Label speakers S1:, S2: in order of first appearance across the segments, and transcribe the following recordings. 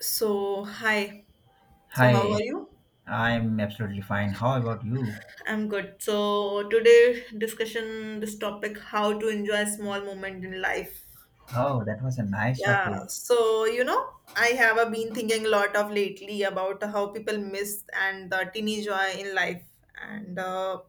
S1: So, hi. So, how are
S2: Hi,
S1: you?
S2: I'm absolutely fine. How about you?
S1: I'm good. So, today discussion this topic how to enjoy small moment in life.
S2: Oh, that was a nice topic.
S1: Yeah. I have been thinking a lot of lately about how people miss and the teeny joy in life. And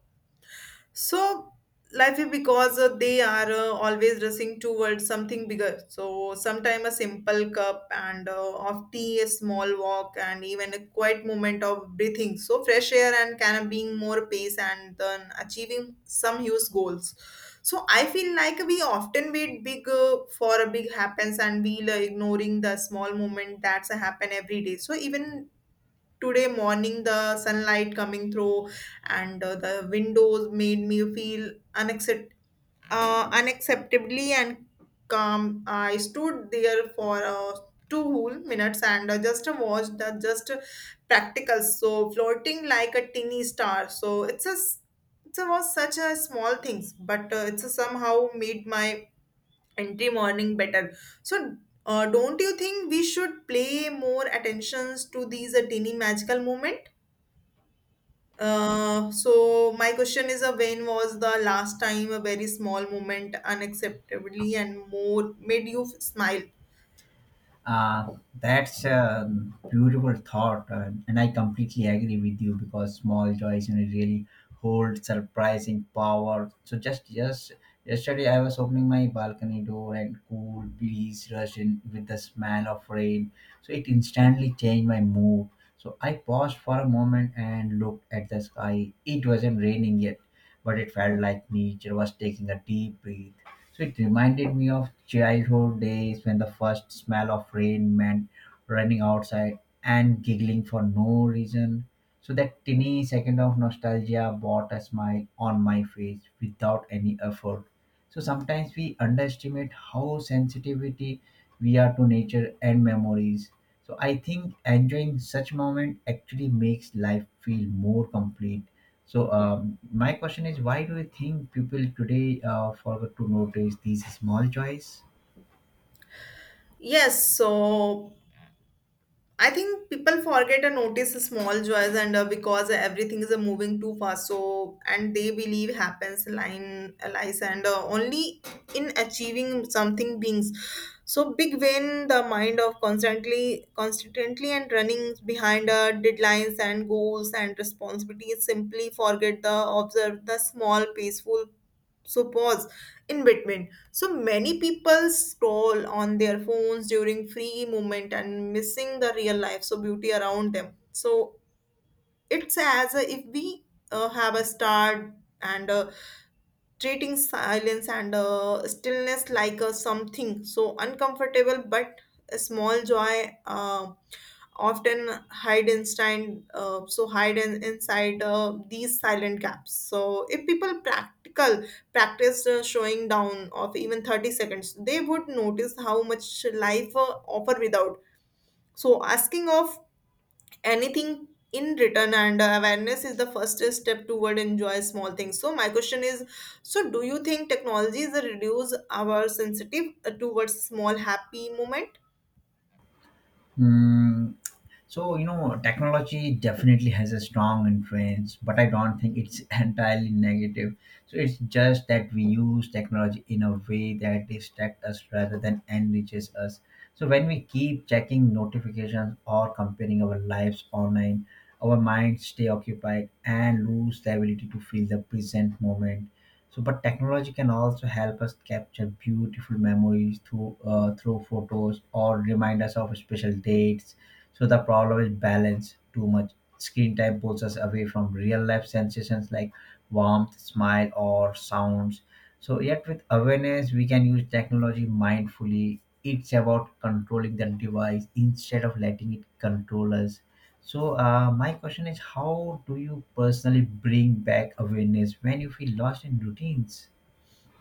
S1: So Life is because they are always rushing towards something bigger. So sometime a simple cup and of tea, a small walk, and even a quiet moment of breathing. So fresh air and kind of being more pace and then achieving some huge goals. So I feel like we often wait big for a big happens and we ignoring the small moment that's a happen every day. So even today morning the sunlight coming through and the windows made me feel unacceptably and calm. I stood there for two whole minutes and just watched the just practical so floating like a teeny star. So it was such a small things but it's somehow made my entry morning better. So don't you think we should play more attentions to these teeny magical moment. So my question is, when was the last time a very small moment, unacceptably and more made you smile?
S2: Uh, that's a beautiful thought and I completely agree with you because small joys really hold surprising power. So just yesterday, I was opening my balcony door, and cool breeze rushed in with the smell of rain. So it instantly changed my mood. So I paused for a moment and looked at the sky. It wasn't raining yet, but it felt like nature was taking a deep breath. So it reminded me of childhood days when the first smell of rain meant running outside and giggling for no reason. So that tiny second of nostalgia brought a smile on my face without any effort. So sometimes we underestimate how sensitivity we are to nature and memories. So I think enjoying such moment actually makes life feel more complete. So my question is, why do you think people today forget to notice these small joys?
S1: Yes, so I think people forget and notice the small joys, and because everything is moving too fast, so and they believe happens line lies and only in achieving something beings. So big win the mind of constantly and running behind deadlines and goals and responsibilities. Simply forget the observe the small peaceful so pause in between. So many people scroll on their phones during free moment and missing the real life so beauty around them. So it's as if we have a start and treating silence and stillness like a something so uncomfortable but a small joy often hide inside these silent gaps. So if people practical practice showing down of even 30 seconds, they would notice how much life offer without so asking of anything in return. And Awareness is the first step toward enjoy small things. So my question is, so do you think technologies reduce our sensitive towards small happy moment?
S2: Hmm. So, you know, technology definitely has a strong influence, but I don't think it's entirely negative. So, it's just that we use technology in a way that distracts us rather than enriches us. So, when we keep checking notifications or comparing our lives online, our minds stay occupied and lose the ability to feel the present moment. So, but technology can also help us capture beautiful memories through photos or remind us of special dates, so the problem is balance. Too much screen time pulls us away from real life sensations like warmth, smile, or sounds. So yet with awareness, we can use technology mindfully. It's about controlling the device instead of letting it control us. So my question is, how do you personally bring back awareness when you feel lost in routines?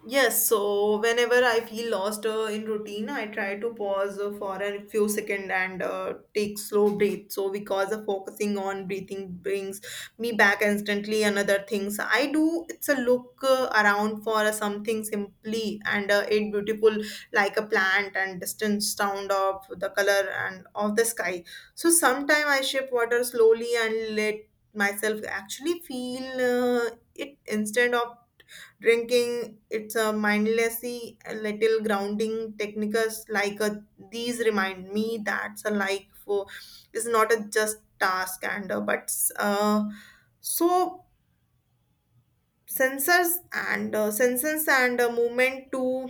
S1: Yes, so whenever I feel lost in routine, I try to pause for a few seconds and take slow breath. So because of focusing on breathing brings me back instantly. Another things I do, it's a look around for something simply and it beautiful, like a plant and distant sound of the color and of the sky. So sometime I shift water slowly and let myself actually feel it instead of drinking, it's a mindlessly a little grounding techniques like a, these remind me that's a like for is not a just task and but uh, so sensors and senses and movement too.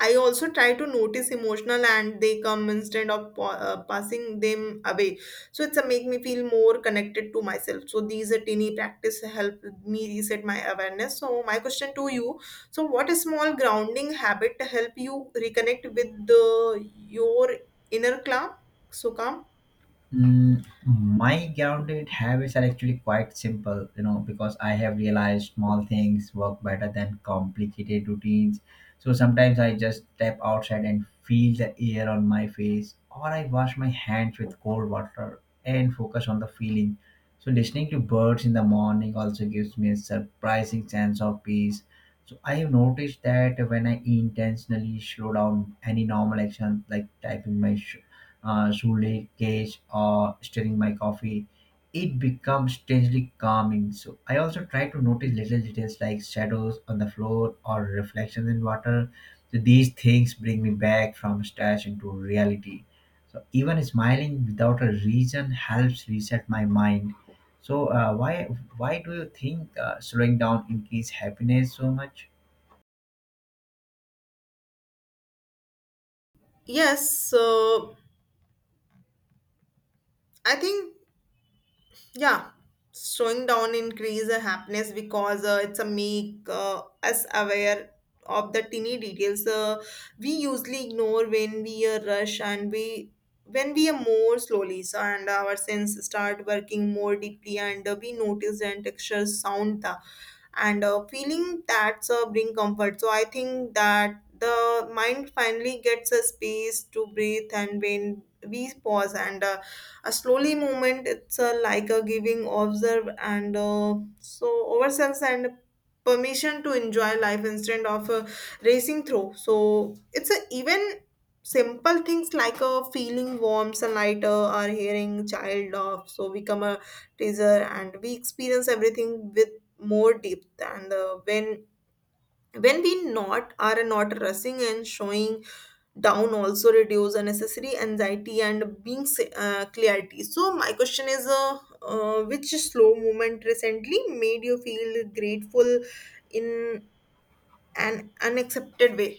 S1: I also try to notice emotional and they come instead of passing them away. So it's a make me feel more connected to myself. So these are teeny practice help me reset my awareness. So my question to you: so what small grounding habit help you reconnect with the your inner calm? So calm.
S2: Mm, my grounded habits are actually quite simple, you know, because I have realized small things work better than complicated routines. So sometimes I just step outside and feel the air on my face, or I wash my hands with cold water and focus on the feeling. So listening to birds in the morning also gives me a surprising sense of peace. So I have noticed that when I intentionally slow down any normal action like typing my uh, cage or stirring my coffee, it becomes strangely calming. So I also try to notice little details like shadows on the floor or reflections in water. So these things bring me back from stress into reality. So even smiling without a reason helps reset my mind. So why do you think slowing down increase happiness so much?
S1: Yes. I think Yeah, Slowing down increase the happiness because it's a make us aware of the tiny details we usually ignore when we are rush and we are more slowly. So and our sense start working more deeply and we notice and texture sound the and feeling that's bring comfort. So I think that the mind finally gets a space to breathe. And when we pause and a slowly movement, it's like a giving observe and so ourselves and permission to enjoy life instead of racing through. So it's a even simple things like a feeling warm sunlight or hearing child laugh so become a teaser and we experience everything with more deep and when we not are not rushing. And showing down also reduce unnecessary anxiety and being clarity. So my question is, which slow movement recently made you feel grateful in an unaccepted way?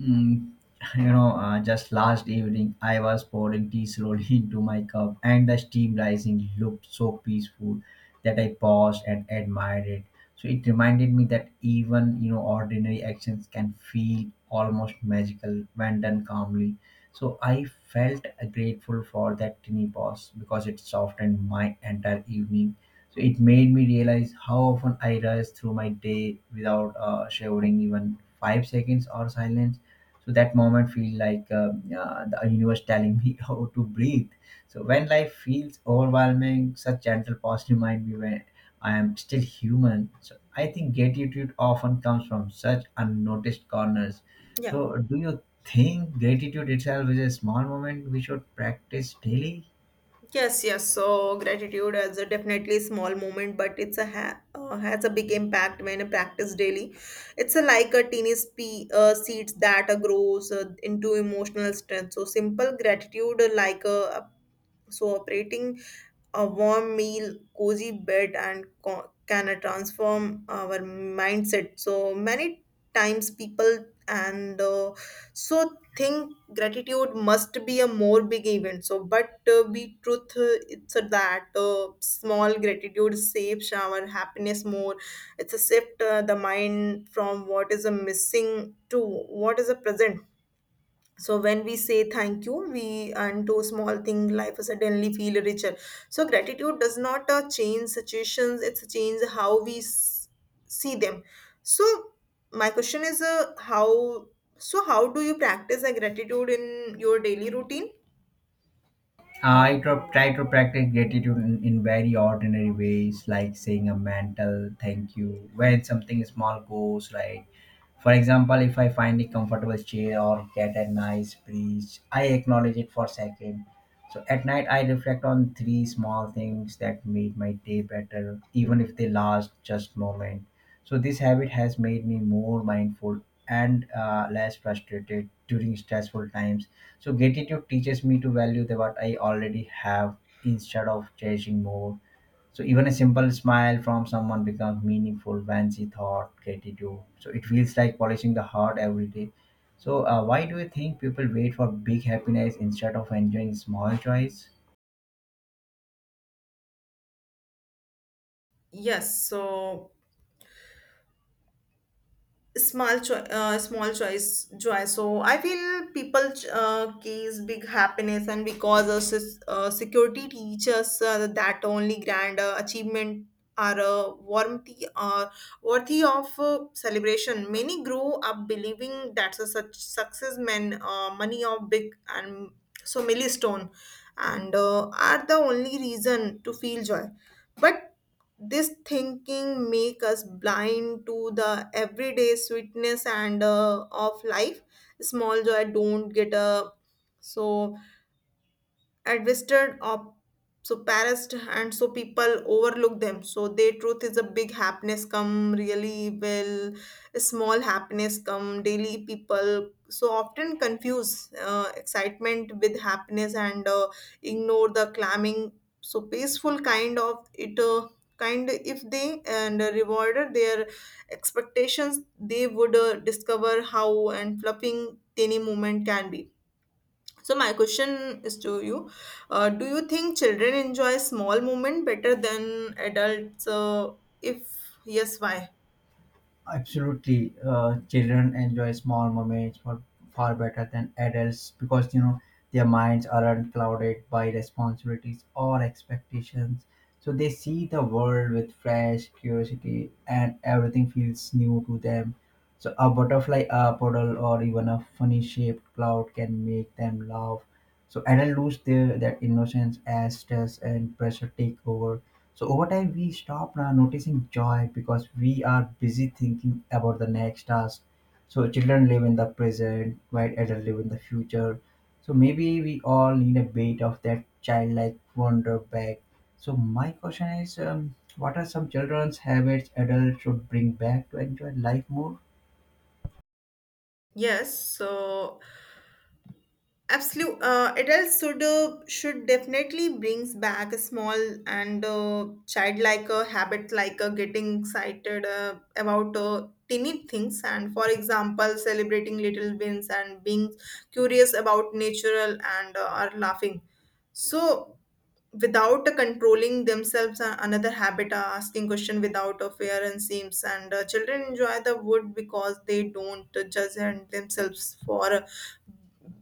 S2: Mm, you know, just last evening I was pouring tea slowly into my cup, and the steam rising looked so peaceful that I paused and admired it. So it reminded me that even you know ordinary actions can feel almost magical when done calmly. So I felt grateful for that tiny pause because it softened my entire evening. So it made me realize how often I rush through my day without showering even 5 seconds or silence, so that moment feel like the universe telling me how to breathe, so when life feels overwhelming such gentle pause remind me when I am still human, so I think gratitude often comes from such unnoticed corners. So
S1: Yeah.
S2: do you think gratitude itself is a small moment we should practice daily?
S1: Yes, yes. So gratitude is a definitely small moment, but it's has a big impact when practiced daily. It's a, like a tiny seeds that grows into emotional strength. So simple gratitude, like a so, operating a warm meal, cozy bed, and can transform our mindset. So, many times people and think gratitude must be a more big event so but be truth it's a that small gratitude shapes our happiness more. It's a shift the mind from what is a missing to what is a present. So when we say thank you we and do small thing life suddenly feel richer. So gratitude does not change situations, it's change how we see them. So my question is, how do you practice a gratitude in your daily routine?
S2: I tr- try to practice gratitude in very ordinary ways, like saying a mental thank you when something small goes right. For example, if I find a comfortable chair or get a nice breeze, I acknowledge it for a second. So at night, I reflect on three small things that made my day better, even if they last just moment. So this habit has made me more mindful and less frustrated during stressful times, so gratitude teaches me to value the what I already have instead of chasing more. So even a simple smile from someone becomes meaningful when she thought gratitude. So it feels like polishing the heart every day. So why do you think people wait for big happiness instead of enjoying small joys?
S1: Yes, so small choice joy. So I feel people case big happiness and because a security teaches that only grand achievement are worthy of celebration. Many grow up believing that a such success meant money or big and so milestone and are the only reason to feel joy. But this thinking make us blind to the everyday sweetness and of life. Small joy don't get a so administered or suppressed and so people overlook them. So their truth is a big happiness come really well, small happiness come daily. People so often confuse excitement with happiness and ignore the climbing so peaceful kind of it kind if they and rewarded their expectations, they would discover how and fluffing tiny moment can be. So my question is to you: do you think children enjoy small moment better than adults? If yes, why?
S2: Absolutely, children enjoy small moments for far better than adults because you know their minds aren't clouded by responsibilities or expectations. So they see the world with fresh curiosity, and everything feels new to them. So a butterfly, a puddle, or even a funny-shaped cloud can make them laugh. So adults lose their that innocence as stress and pressure take over. So over time, we stop noticing joy because we are busy thinking about the next task. So children live in the present, while adults live in the future. So maybe we all need a bit of that childlike wonder back. So my question is, what are some children's habits adults should bring back to enjoy life more?
S1: Yes. So absolutely, adults should definitely brings back a small and childlike habit, like getting excited about tiny things, and for example celebrating little wins and being curious about natural and are laughing. So without controlling themselves, another habit asking question without a fear and seems. And children enjoy the wood because they don't judge and themselves for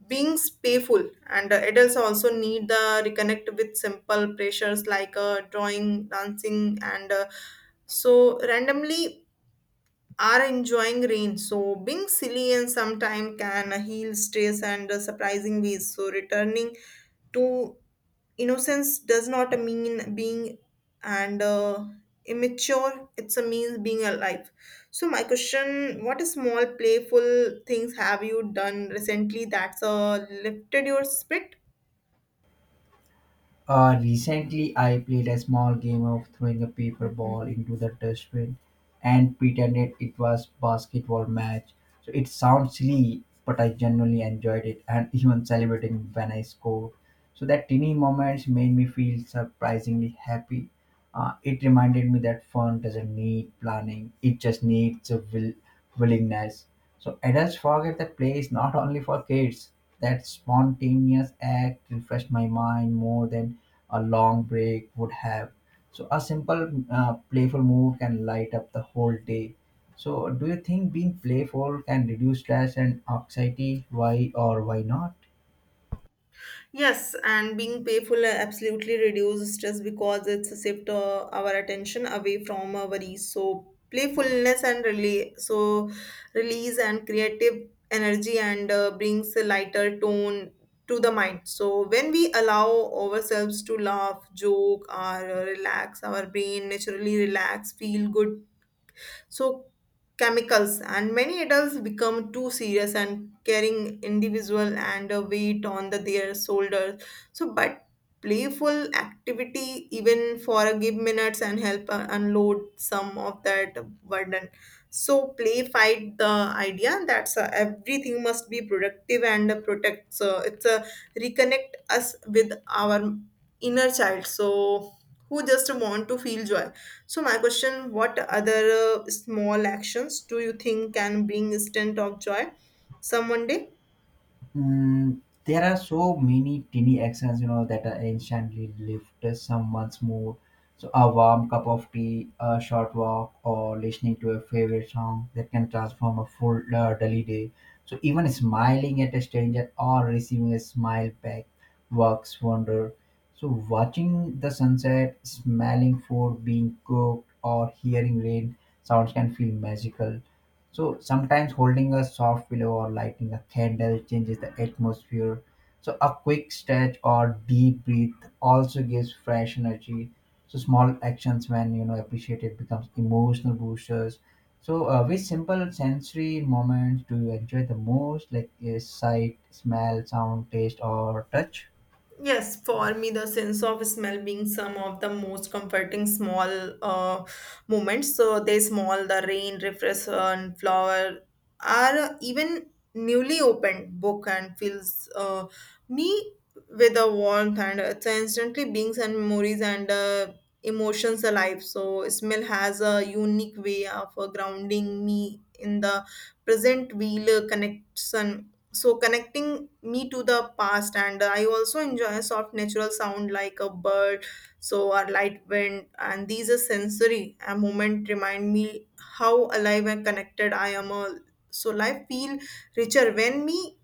S1: being payful. And adults also need the reconnect with simple pressures like drawing dancing and so randomly are enjoying rain, so being silly and sometime can heal stress and surprising ways. So returning to innocence does not mean being and immature, it's a means being alive. So my question, what small playful things have you done recently that's lifted your spirit?
S2: Recently, I played a small game of throwing a paper ball into the dustbin and pretended it was basketball match. So it sounds silly, but I genuinely enjoyed it and even celebrating when I scored. So that teeny moments made me feel surprisingly happy. It reminded me that fun doesn't need planning; it just needs a willingness. So adults forget that play is not only for kids. That spontaneous act refreshed my mind more than a long break would have. So a simple playful mood can light up the whole day. So do you think being playful can reduce stress and anxiety? Why or why not?
S1: Yes, and being payful absolutely reduces stress because it's a shift our attention away from our worries. So playfulness and release, so release and creative energy and brings a lighter tone to the mind. So when we allow ourselves to laugh, joke, or relax, our brain naturally relax, feel good so chemicals. And many adults become too serious and carrying individual and a weight on their shoulders. So but playful activity even for a give minutes and help unload some of that burden. So play fight the idea that everything must be productive and protect. So it's a reconnect us with our inner child, so who just want to feel joy. So my question, what other small actions do you think can bring instant of joy some one day?
S2: Mm, there are so many tiny actions, you know, that are instantly lift someone's mood. So a warm cup of tea, a short walk, or listening to a favorite song that can transform a full dull day. So even smiling at a stranger or receiving a smile back works wonder. So watching the sunset, smelling food being cooked, or hearing rain sounds can feel magical. So sometimes holding a soft pillow or lighting a candle changes the atmosphere. So a quick stretch or deep breath also gives fresh energy. So small actions, when you know appreciated, becomes emotional boosters. So which simple sensory moments do you enjoy the most, like sight, smell, sound, taste, or touch?
S1: Yes, for me, the sense of smell being some of the most comforting small uh, moments. So they small, the rain, refreshment, flower are even newly opened book and fills me with a warmth and it's instantly beings and memories and emotions alive. So smell has a unique way of grounding me in the present wheel connection. So connecting me to the past. And I also enjoy a soft natural sound like a bird so or light wind, and these are sensory a moment remind me how alive and connected I am all. So life feel richer when me,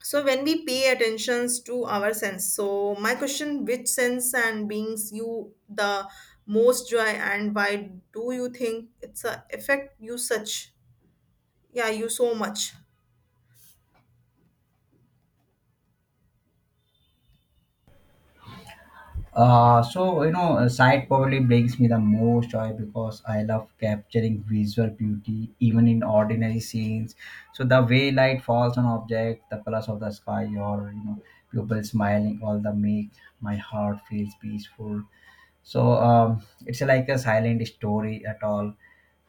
S1: so when we pay attentions to our sense. So my question, which sense and beings you the most joy and why do you think it's a effect you such? Yeah, you so much.
S2: So you know, sight probably brings me the most joy because I love capturing visual beauty even in ordinary scenes. So the way light falls on object, the colors of the sky, or you know, people smiling, all the make my heart feels peaceful. So it's like a silent story at all.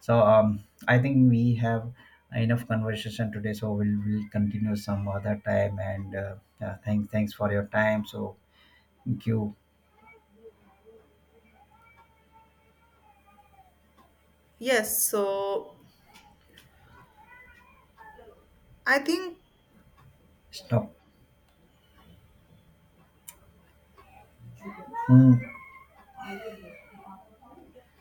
S2: So I think we have enough conversation today. So we'll continue some other time. And yeah, thanks for your time. So thank you.
S1: Yes, so I think
S2: Stop. Hmm.